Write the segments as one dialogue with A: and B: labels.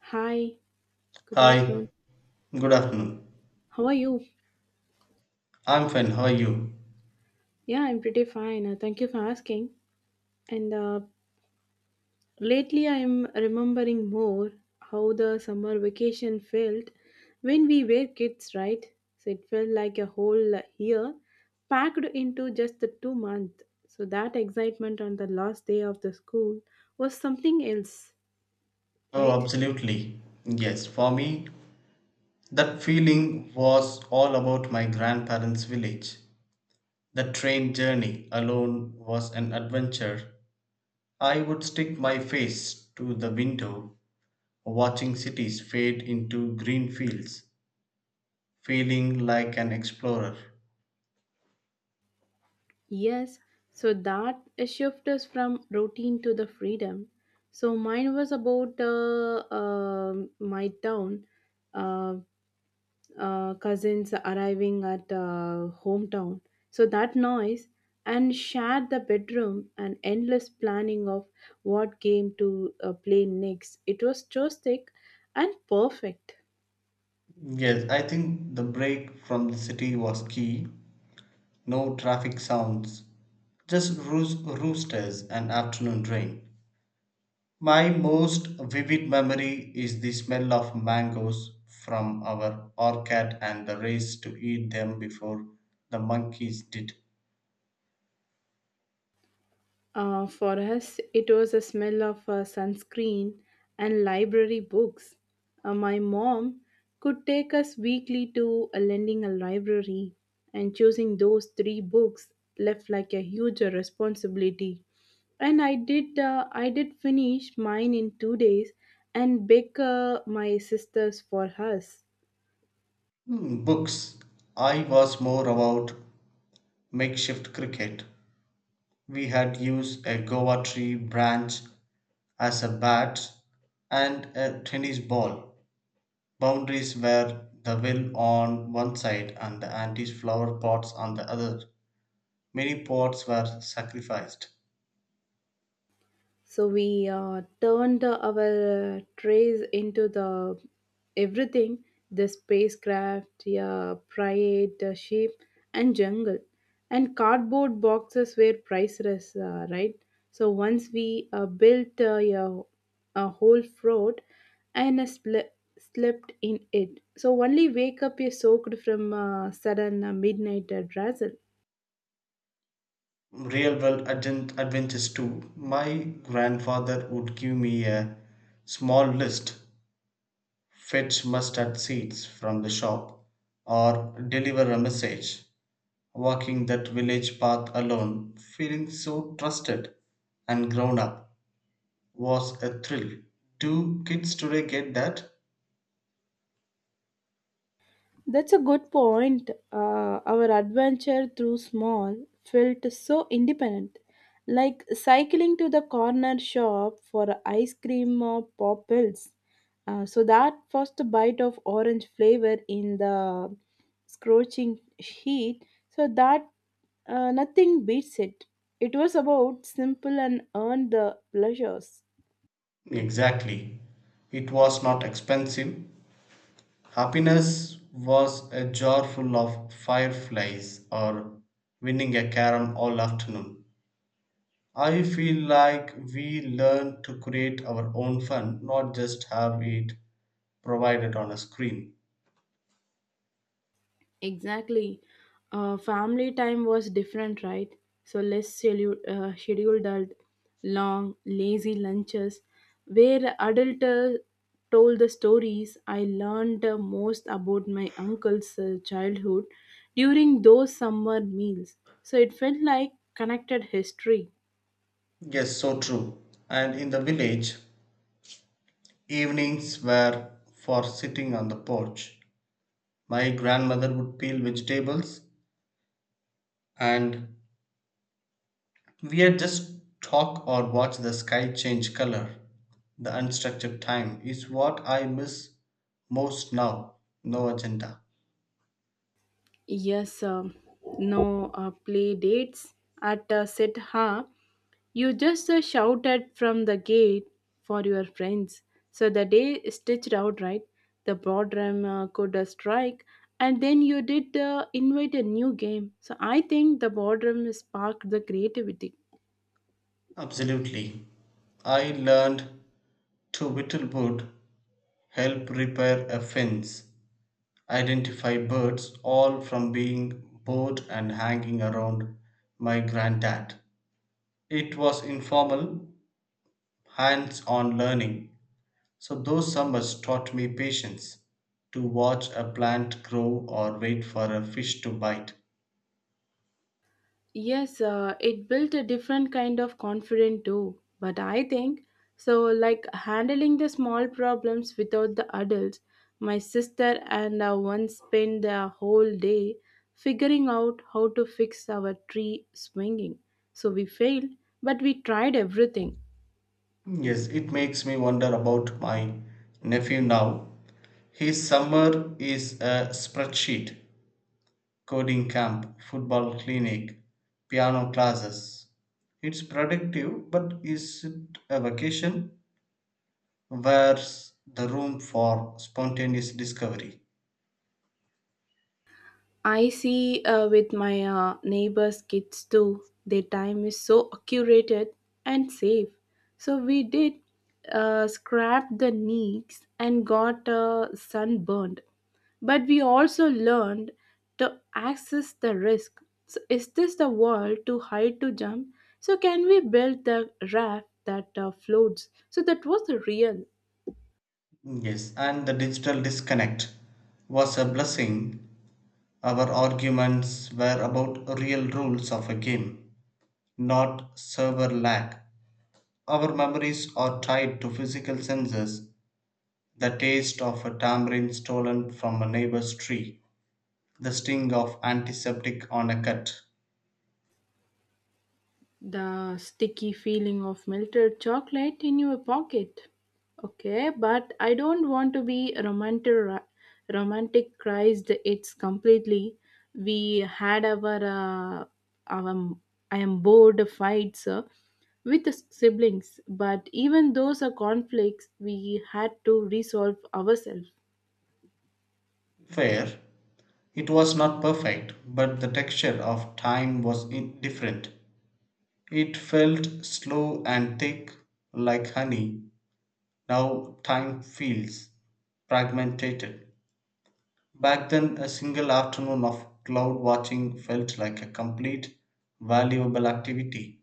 A: Hi, good
B: Hi,
A: afternoon.
B: good afternoon.
A: How are you?
B: I'm fine. How are you?
A: Yeah, I'm pretty fine. Thank you for asking. And Lately, I'm remembering more how the summer vacation felt when we were kids, right? So it felt like a whole year packed into just the 2 months. So that excitement on the last day of the school was something else,
B: Oh,
A: right?
B: absolutely. Yes, for me, that feeling was all about my grandparents' village. The train journey alone was an adventure. I would stick my face to the window, watching cities fade into green fields, feeling like an explorer.
A: Yes, so that shift is from routine to the freedom. So mine was about my town, uh, cousins arriving at hometown. So that noise and shared the bedroom and endless planning of what game to play next. It was joystick and perfect.
B: Yes, I think the break from the city was key. No traffic sounds, just roosters and afternoon rain. My most vivid memory is the smell of mangoes from our orchard and the race to eat them before the monkeys did.
A: For us, it was a smell of sunscreen and library books. My mom could take us weekly to a lending a library, and choosing those 3 books left like a huge responsibility. And I did finish mine in 2 days, and bake my sisters for us.
B: Hmm, books. I was more about makeshift cricket. We had used a Goa tree branch as a bat and a tennis ball. Boundaries were the well on one side and the antique flower pots on the other. Many pots were sacrificed.
A: So we turned our trays into the everything the spacecraft, yeah, pride, sheep, and jungle. And cardboard boxes were priceless, right? So once we built yeah, a whole fort and slept in it. So only wake up you soaked from sudden midnight drizzle.
B: Real world adventures too. My grandfather would give me a small list fetch mustard seeds from the shop or deliver a message. Walking that village path alone, feeling so trusted and grown up, was a thrill. Do kids today get that?
A: That's a good point. Our adventure through small felt so independent, like cycling to the corner shop for ice cream or pop pills. So that first bite of orange flavor in the scorching heat, so that nothing beats it. It was about simple and earned the pleasures.
B: Exactly. It was not expensive. Happiness was a jar full of fireflies or winning a carom all afternoon. I feel like we learn to create our own fun, not just have it provided on a screen.
A: Exactly. Family time was different, right? So less schedule, scheduled, out, long, lazy lunches, where adult told the stories. I learned most about my uncle's childhood during those summer meals. So it felt like connected history.
B: Yes, so true. And in the village, evenings were for sitting on the porch. My grandmother would peel vegetables and we're just talk or watch the sky change color. The unstructured time is what I miss most now. No agenda.
A: Yes, no play dates at Sitha. You just shouted from the gate for your friends. So the day stitched out, right? The broad could strike, and then you did invite a new game. So I think the boardroom sparked the creativity.
B: Absolutely. I learned to whittle wood, help repair a fence, identify birds, all from being bored and hanging around my granddad. It was informal, hands on learning. So those summers taught me patience to watch a plant grow or wait for a fish to bite.
A: Yes, it built a different kind of confidence too. But I think so, like handling the small problems without the adults. My sister and I once spent the whole day figuring out how to fix our tree swinging. So we failed, but we tried everything.
B: Yes, it makes me wonder about my nephew now. His summer is a spreadsheet, coding camp, football clinic, piano classes. It's productive, but is it a vacation? Where's the room for spontaneous discovery?
A: I see with my neighbors' kids too. Their time is so accurate and safe. So we did scrap the nicks and got sunburned. But we also learned to access the risk. So is this the wall too high to jump? So can we build the raft that floats? So that was real.
B: Yes, and the digital disconnect was a blessing. Our arguments were about real rules of a game, not server lag. Our memories are tied to physical senses, the taste of a tamarind stolen from a neighbor's tree, the sting of antiseptic on a cut.
A: The sticky feeling of melted chocolate in your pocket. Okay, but I don't want to be romanticized it's completely. We had our our I am bored fights with the siblings, but even those are conflicts we had to resolve ourselves.
B: Fair. It was not perfect, but the texture of time was different. It felt slow and thick, like honey. Now time feels fragmented. Back then, a single afternoon of cloud watching felt like a complete, valuable activity.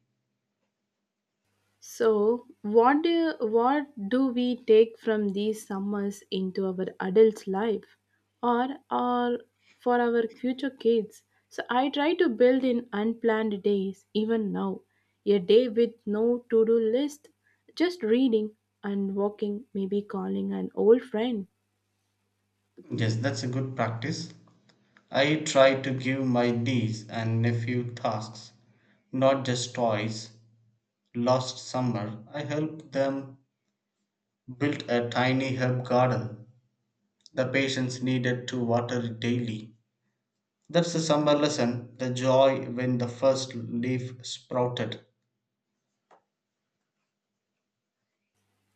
A: So, what do we take from these summers into our adult life, or for our future kids? So, I try to build in unplanned days even now, a day with no to do list, just reading and walking, maybe calling an old friend.
B: Yes, that's a good practice. I try to give my niece and nephew tasks, not just toys. Last summer, I helped them build a tiny herb garden. The patients needed to water it daily. That's the summer lesson, the joy when the first leaf sprouted.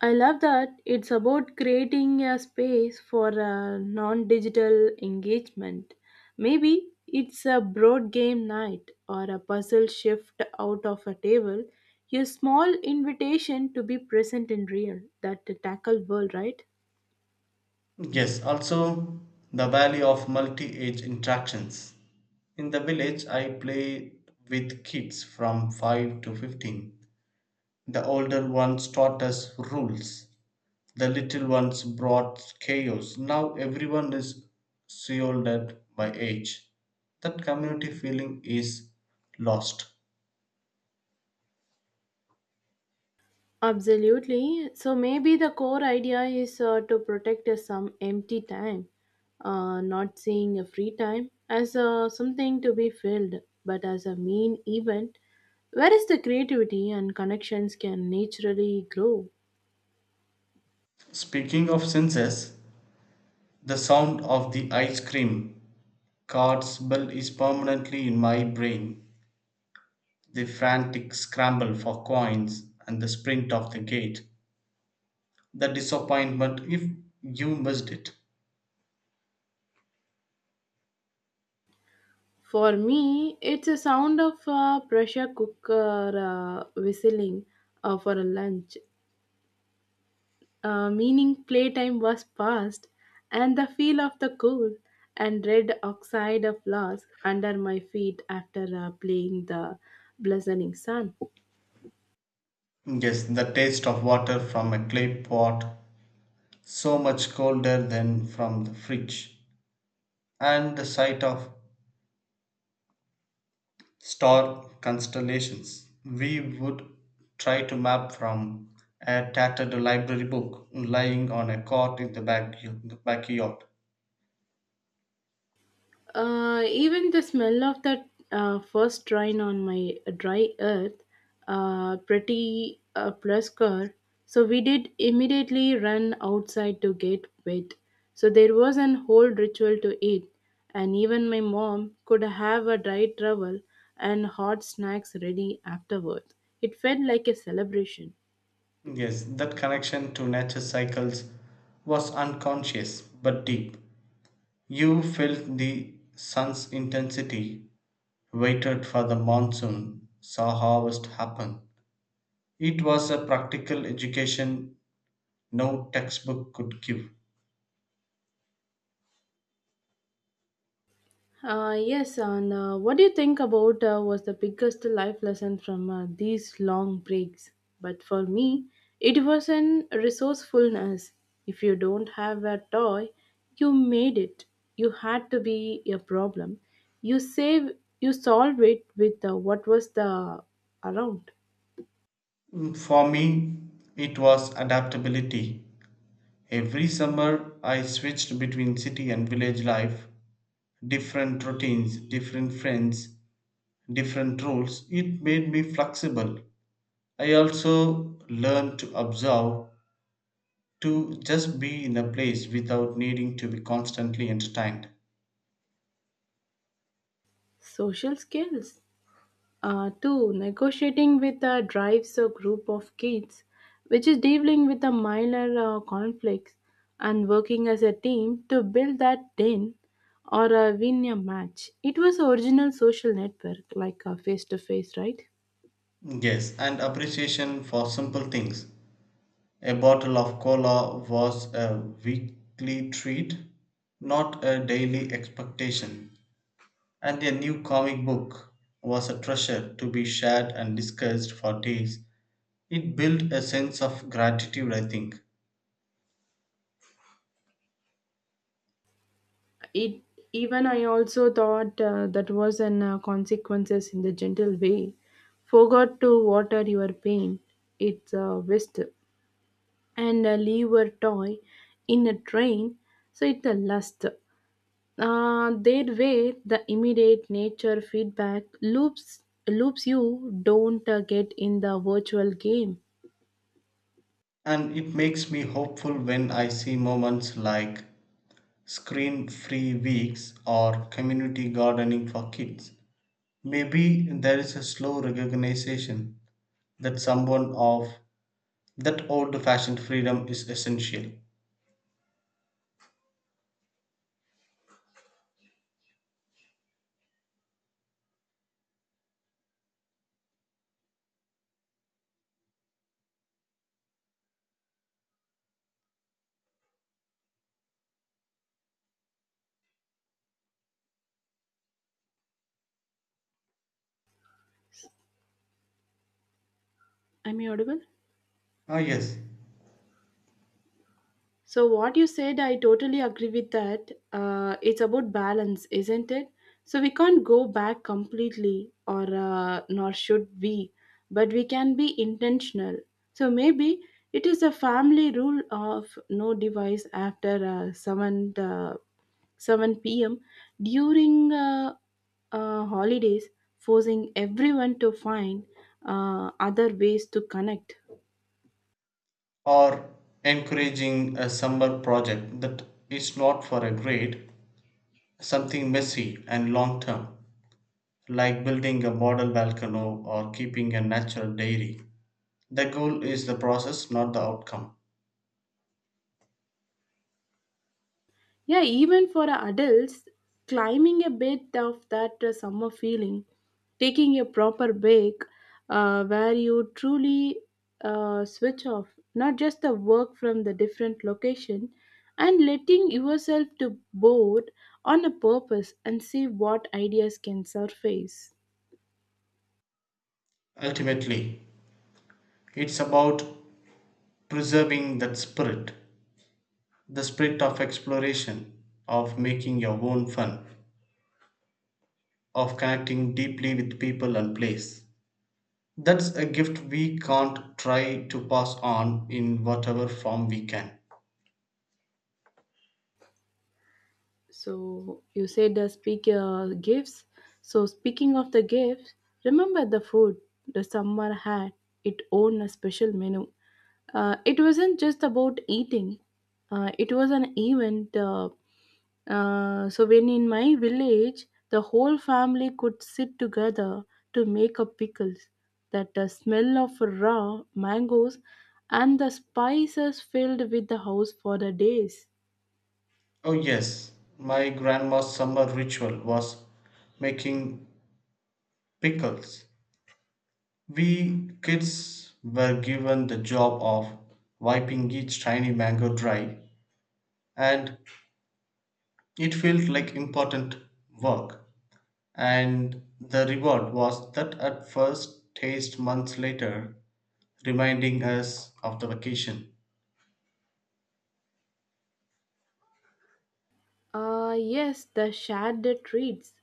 A: I love that it's about creating a space for a non digital engagement. Maybe it's a broad game night or a puzzle shift out of a table, a small invitation to be present in real, that tackled world, right?
B: Yes, also the value of multi age interactions. In the village, I play with kids from 5 to 15. The older ones taught us rules, the little ones brought chaos. Now everyone is shielded by age. That community feeling is lost.
A: Absolutely. So maybe the core idea is to protect some empty time, not seeing a free time as something to be filled, but as a main event, whereas the creativity and connections can naturally grow.
B: Speaking of senses, the sound of the ice cream cart's bell is permanently in my brain. The frantic scramble for coins and the sprint of the gate, the disappointment if you missed it.
A: For me, it's a sound of pressure cooker whistling for a lunch meaning playtime was past, and the feel of the cool and red oxide of loss under my feet after playing the blazing sun.
B: Yes, the taste of water from a clay pot, so much colder than from the fridge, and the sight of star constellations we would try to map from a tattered library book lying on a cot in the, back, the backyard.
A: Even the smell of that first rain on my dry earth, pretty plus car. So we did immediately run outside to get wet. So there was an whole ritual to it, and even my mom could have a dry towel and hot snacks ready afterward. It felt like a celebration.
B: Yes, that connection to nature cycles was unconscious but deep. You felt the sun's intensity, waited for the monsoon, saw harvest happen. It was a practical education no textbook could give.
A: Yes, and What do you think about was the biggest life lesson from these long breaks? But for me, it was in resourcefulness. If you don't have a toy, you made it. You had to be a problem. You save, you solve it with what was the around
B: Mm, for me, it was adaptability. Every summer, I switched between city and village life, different routines, different friends, different rules. It made me flexible. I also learned to observe, to just be in a place without needing to be constantly entertained.
A: social skills. Two, negotiating with a drives a group of kids, which is dealing with a minor conflicts and working as a team to build that den or win a match. It was original social network, like face to face, right?
B: Yes, and appreciation for simple things. A bottle of cola was a weekly treat, not a daily expectation. And a new comic book was a treasure to be shared and discussed for days. It built a sense of gratitude, I think.
A: It even I also thought that was an consequences in the gentle way. Forgot to water your pain. It's a waste and leave a toy in a train so it's a lust their way the immediate nature feedback loops you don't get in the virtual game.
B: And it makes me hopeful when I see moments like screen free weeks or community gardening for kids. Maybe there is a slow recognition that someone of that old fashioned freedom is essential.
A: Am I audible?
B: Ah, yes.
A: So, what you said, I totally agree with that. It's about balance, isn't it? So, we can't go back completely, or nor should we, but we can be intentional. So, maybe it is a family rule of no device after 7 p.m. during holidays, forcing everyone to find other ways to connect.
B: Or encouraging a summer project that is not for a grade, something messy and long term, like building a model volcano or keeping a natural dairy. The goal is the process, not the outcome.
A: Yeah, even for adults, climbing a bit of that summer feeling, taking a proper break where you truly switch off, not just the work from the different location, and letting yourself to board on a purpose and see what ideas can surface.
B: Ultimately, it's about preserving that spirit, the spirit of exploration, of making your own fun, of connecting deeply with people and place. That's a gift we can't try to pass on in whatever form we can.
A: So you said speak gifts. So speaking of the gifts, remember the food the summer had its own a special menu. It wasn't just about eating. It was an event. So when in my village, the whole family could sit together to make up pickles. That the smell of raw mangoes and the spices filled with the house for the days.
B: Oh, yes, my grandma's summer ritual was making pickles. We kids were given the job of wiping each tiny mango dry, and it felt like important work. And the reward was that at first taste months later, reminding us of the vacation.
A: Yes, the shared treats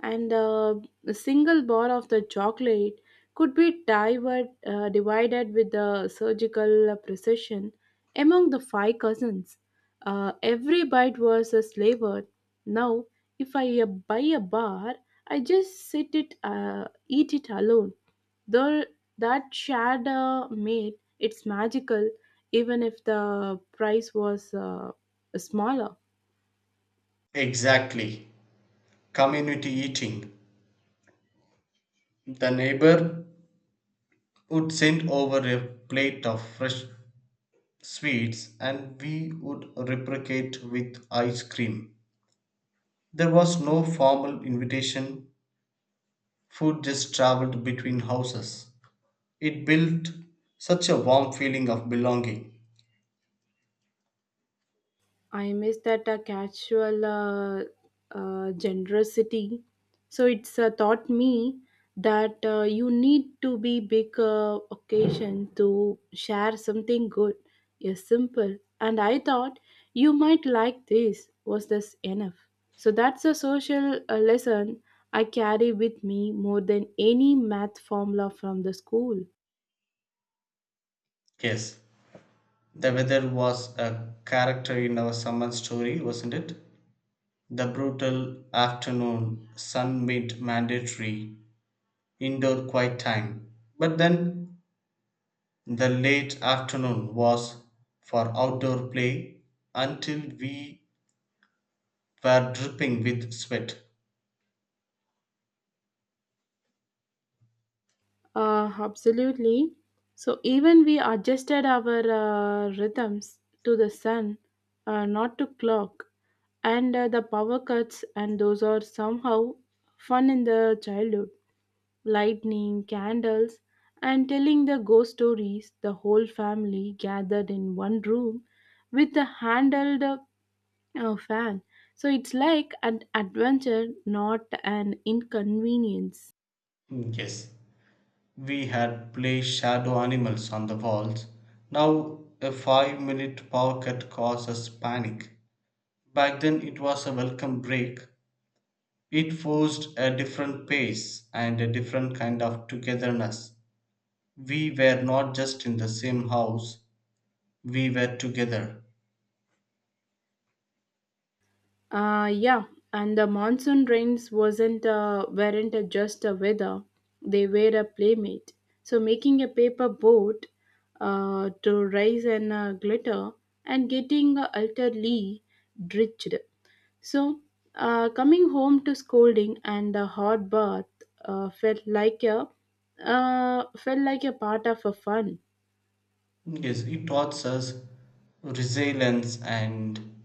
A: and a single bar of the chocolate could be divided, divided with the surgical precision among the 5 cousins. Every bite was a flavored. Now, if I buy a bar, I just sit it, eat it alone. Though that shared made it's magical, even if the price was smaller.
B: Exactly. Community eating. The neighbor would send over a plate of fresh sweets and we would reciprocate with ice cream. There was no formal invitation, food just traveled between houses. It built such a warm feeling of belonging.
A: I miss that casual generosity. So it's taught me that you need to be big occasion to share something good. Yes, simple. And I thought you might like this. Was this enough? So that's a social lesson I carry with me more than any math formula from the school.
B: Yes, the weather was a character in our summer story, wasn't it? The brutal afternoon sun made mandatory indoor quiet time. But then the late afternoon was for outdoor play until we were dripping with sweat.
A: Absolutely. So even we adjusted our rhythms to the sun, not to clock, and the power cuts, and those are somehow fun in the childhood. Lightning, candles, and telling the ghost stories. The whole family gathered in one room with the handled fan. So it's like an adventure, not an inconvenience.
B: Yes, we had placed shadow animals on the walls. Now a 5 minute power cut caused us panic. Back then it was a welcome break. It forced a different pace and a different kind of togetherness. We were not just in the same house, we were together.
A: Yeah, and the monsoon rains wasn't weren't just a weather; they were a playmate. So making a paper boat to rise and glitter and getting utterly drenched. So coming home to scolding and a hot bath uh, felt like a felt like a part of a fun.
B: Yes, it taught us resilience and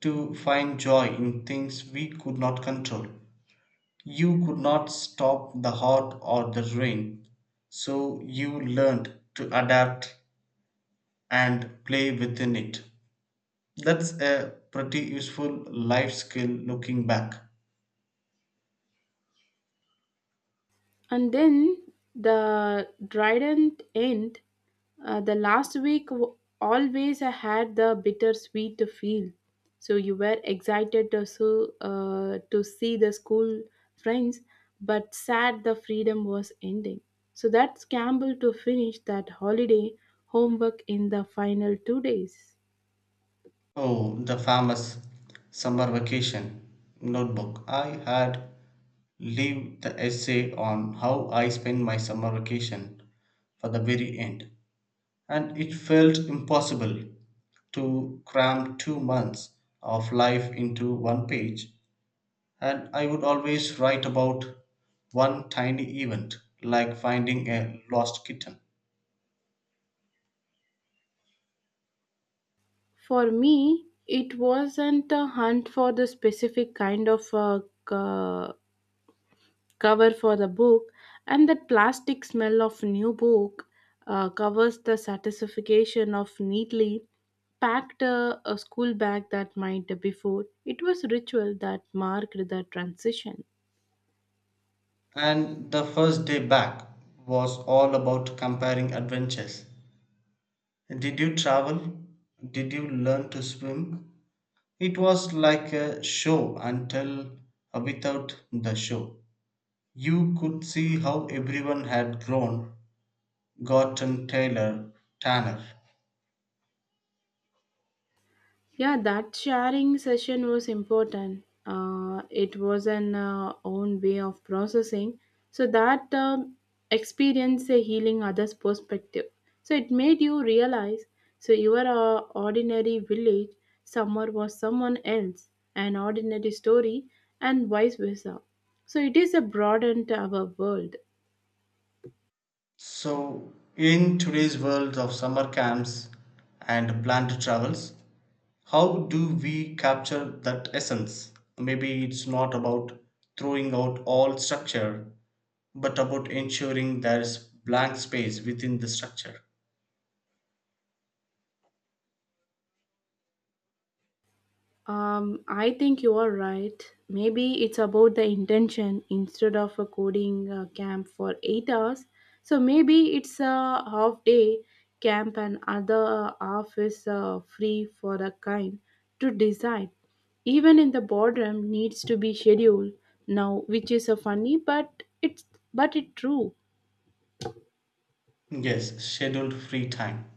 B: to find joy in things we could not control. You could not stop the hot or the rain, so you learned to adapt and play within it. That's a pretty useful life skill looking back.
A: And then the Dryden end. The last always I had the bittersweet feel. So you were excited to to see the school friends, but sad the freedom was ending. So that's Campbell to finish that holiday homework in the final 2 days.
B: Oh, the famous summer vacation notebook. I had leave the essay on how I spent my summer vacation for the very end, and it felt impossible to cram 2 months of life into one page. And I would always write about one tiny event, like finding a lost kitten.
A: For me, it wasn't a hunt for the specific kind of c- cover for the book and that plastic smell of new book covers the satisfaction of neatly packed a school bag that might before it was ritual that marked the transition.
B: And the first day back was all about comparing adventures. Did you travel? Did you learn to swim? It was like a show until without the show. You could see how everyone had grown, gotten taller, tanner.
A: Yeah, that sharing session was important. It was an own way of processing. So that experience a healing others' perspective. So it made you realize. So you are a ordinary village. Summer was someone else, an ordinary story, and vice versa. So it is a broadened our world.
B: So, in today's world of summer camps and planned travels, how do we capture that essence? Maybe it's not about throwing out all structure, but about ensuring there's blank space within the structure.
A: I think you are right. Maybe it's about the intention instead of a coding camp for 8 hours. So maybe it's a half day camp and other half is free for a kind to decide. Even in the boardroom needs to be scheduled now, which is a funny, but it true.
B: Yes, scheduled free time.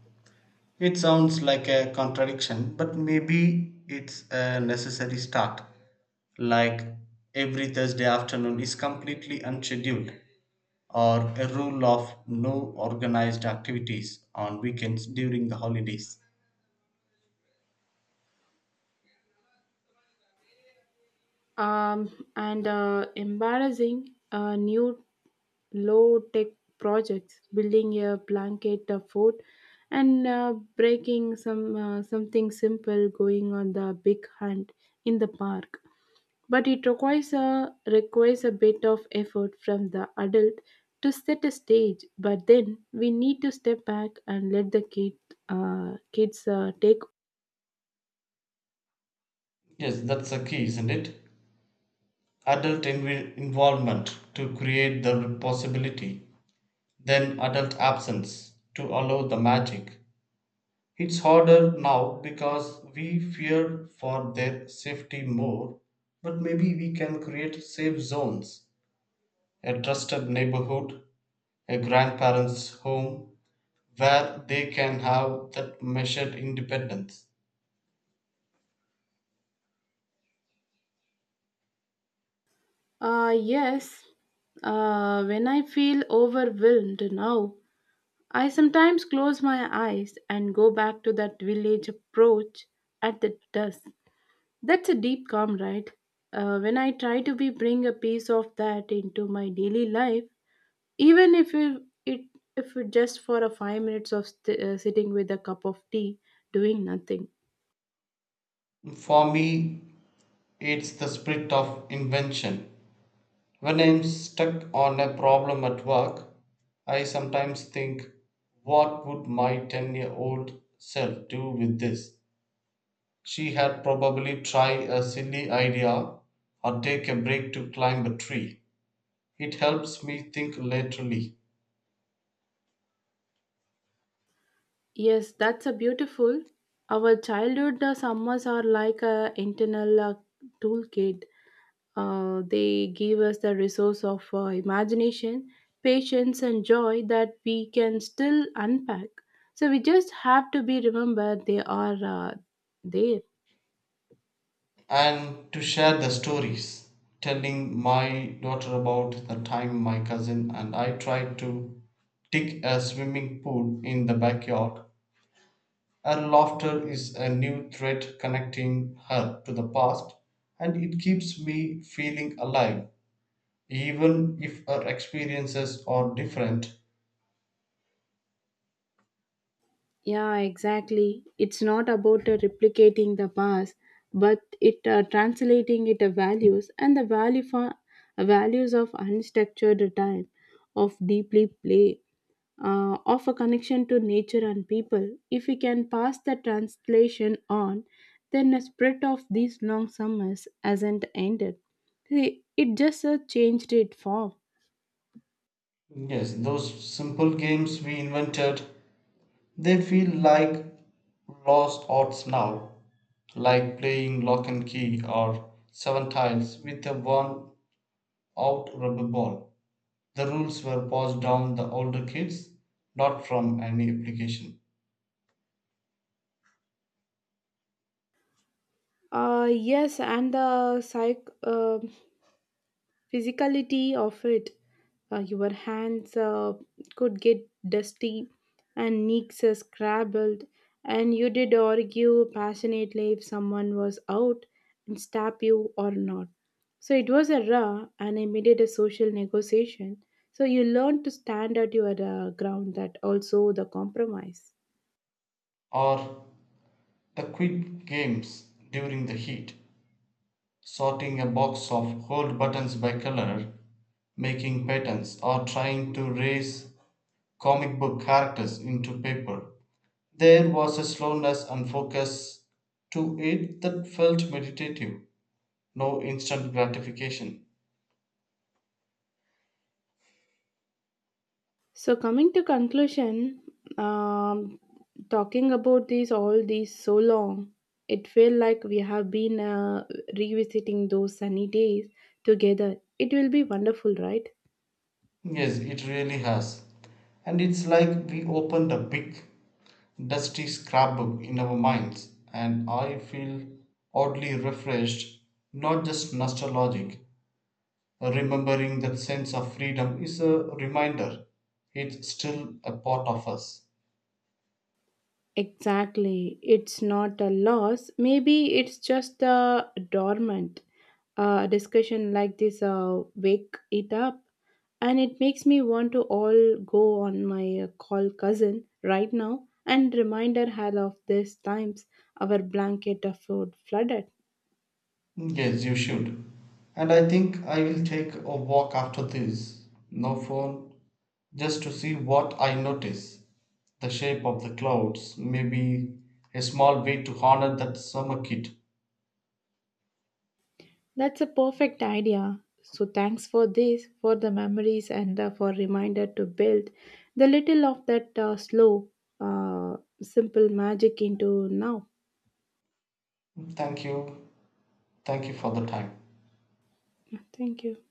B: It sounds like a contradiction, but maybe it's a necessary start. Like every Thursday afternoon is completely unscheduled, or a rule of no organized activities on weekends during the holidays.
A: Um, and Embarrassing new low tech projects, building a blanket fort, and breaking some something simple going on the big hunt in the park. But it requires a bit of effort from the adult to set a stage. But then we need to step back and let the kids take.
B: Yes, that's the key, isn't it? Adult involvement to create the possibility, then adult absence to allow the magic. It's harder now because we fear for their safety more, but maybe we can create safe zones, a trusted neighborhood, a grandparents' home where they can have that measured independence.
A: Yes, when I feel overwhelmed now, I sometimes close my eyes and go back to that village approach at the dusk. That's a deep calm, right? When I try to be bring a piece of that into my daily life, even if it just for a 5 minutes of sitting with a cup of tea, doing nothing.
B: For me, it's the spirit of invention. When I'm stuck on a problem at work, I sometimes think, what would my 10-year-old self do with this? She had probably tried a silly idea or take a break to climb a tree. It helps me think laterally,
A: Yes, that's a beautiful. Our childhood summers are like a internal toolkit. They give us the resource of imagination, patience, and joy that we can still unpack. So we just have to be remembered they are there.
B: and to share the stories, telling my daughter about the time my cousin and I tried to dig a swimming pool in the backyard. Her laughter is a new thread connecting her to the past, and it keeps me feeling alive, even if her experiences are different.
A: Yeah, exactly. It's not about replicating the past, but it translating it values and the value for values of unstructured time, of deeply play of a connection to nature and people. If we can pass the translation on, then the spread of these long summers hasn't ended. See, it just changed its form.
B: Yes, those simple games we invented, they feel like lost arts now, like playing lock and key or seven tiles with a worn out rubber ball. The rules were passed down the older kids, not from any application.
A: Yes, and the psych. Physicality of it. Your hands could get dusty and knees scrabbled, and you did argue passionately if someone was out and stab you or not. So it was a raw and immediate a social negotiation. So you learned to stand at your ground that also the compromise.
B: Or the quick games during the heat, sorting a box of gold buttons by color, making patterns, or trying to raise comic book characters into paper. There was a slowness and focus to it that felt meditative, no instant gratification.
A: So coming to conclusion, um, talking about these all these so long, it felt like we have been revisiting those sunny days together. It will be wonderful, right?
B: Yes, it really has. And it's like we opened a big, dusty scrapbook in our minds, and I feel oddly refreshed, not just nostalgic. Remembering that sense of freedom is a reminder it's still a part of us.
A: Exactly. It's not a loss. Maybe it's just a dormant. Discussion like this wake it up and it makes me want to all go on my call cousin right now and remind her how of these times our blanket of food flooded.
B: Yes, you should. And I think I will take a walk after this. No phone, just to see what I notice. The shape of the clouds, maybe a small way to honor that summer kid.
A: That's a perfect idea. So thanks for this for the memories and for reminder to build the little of that slow uh, simple magic into now.
B: Thank you. Thank you for the time.
A: Thank you.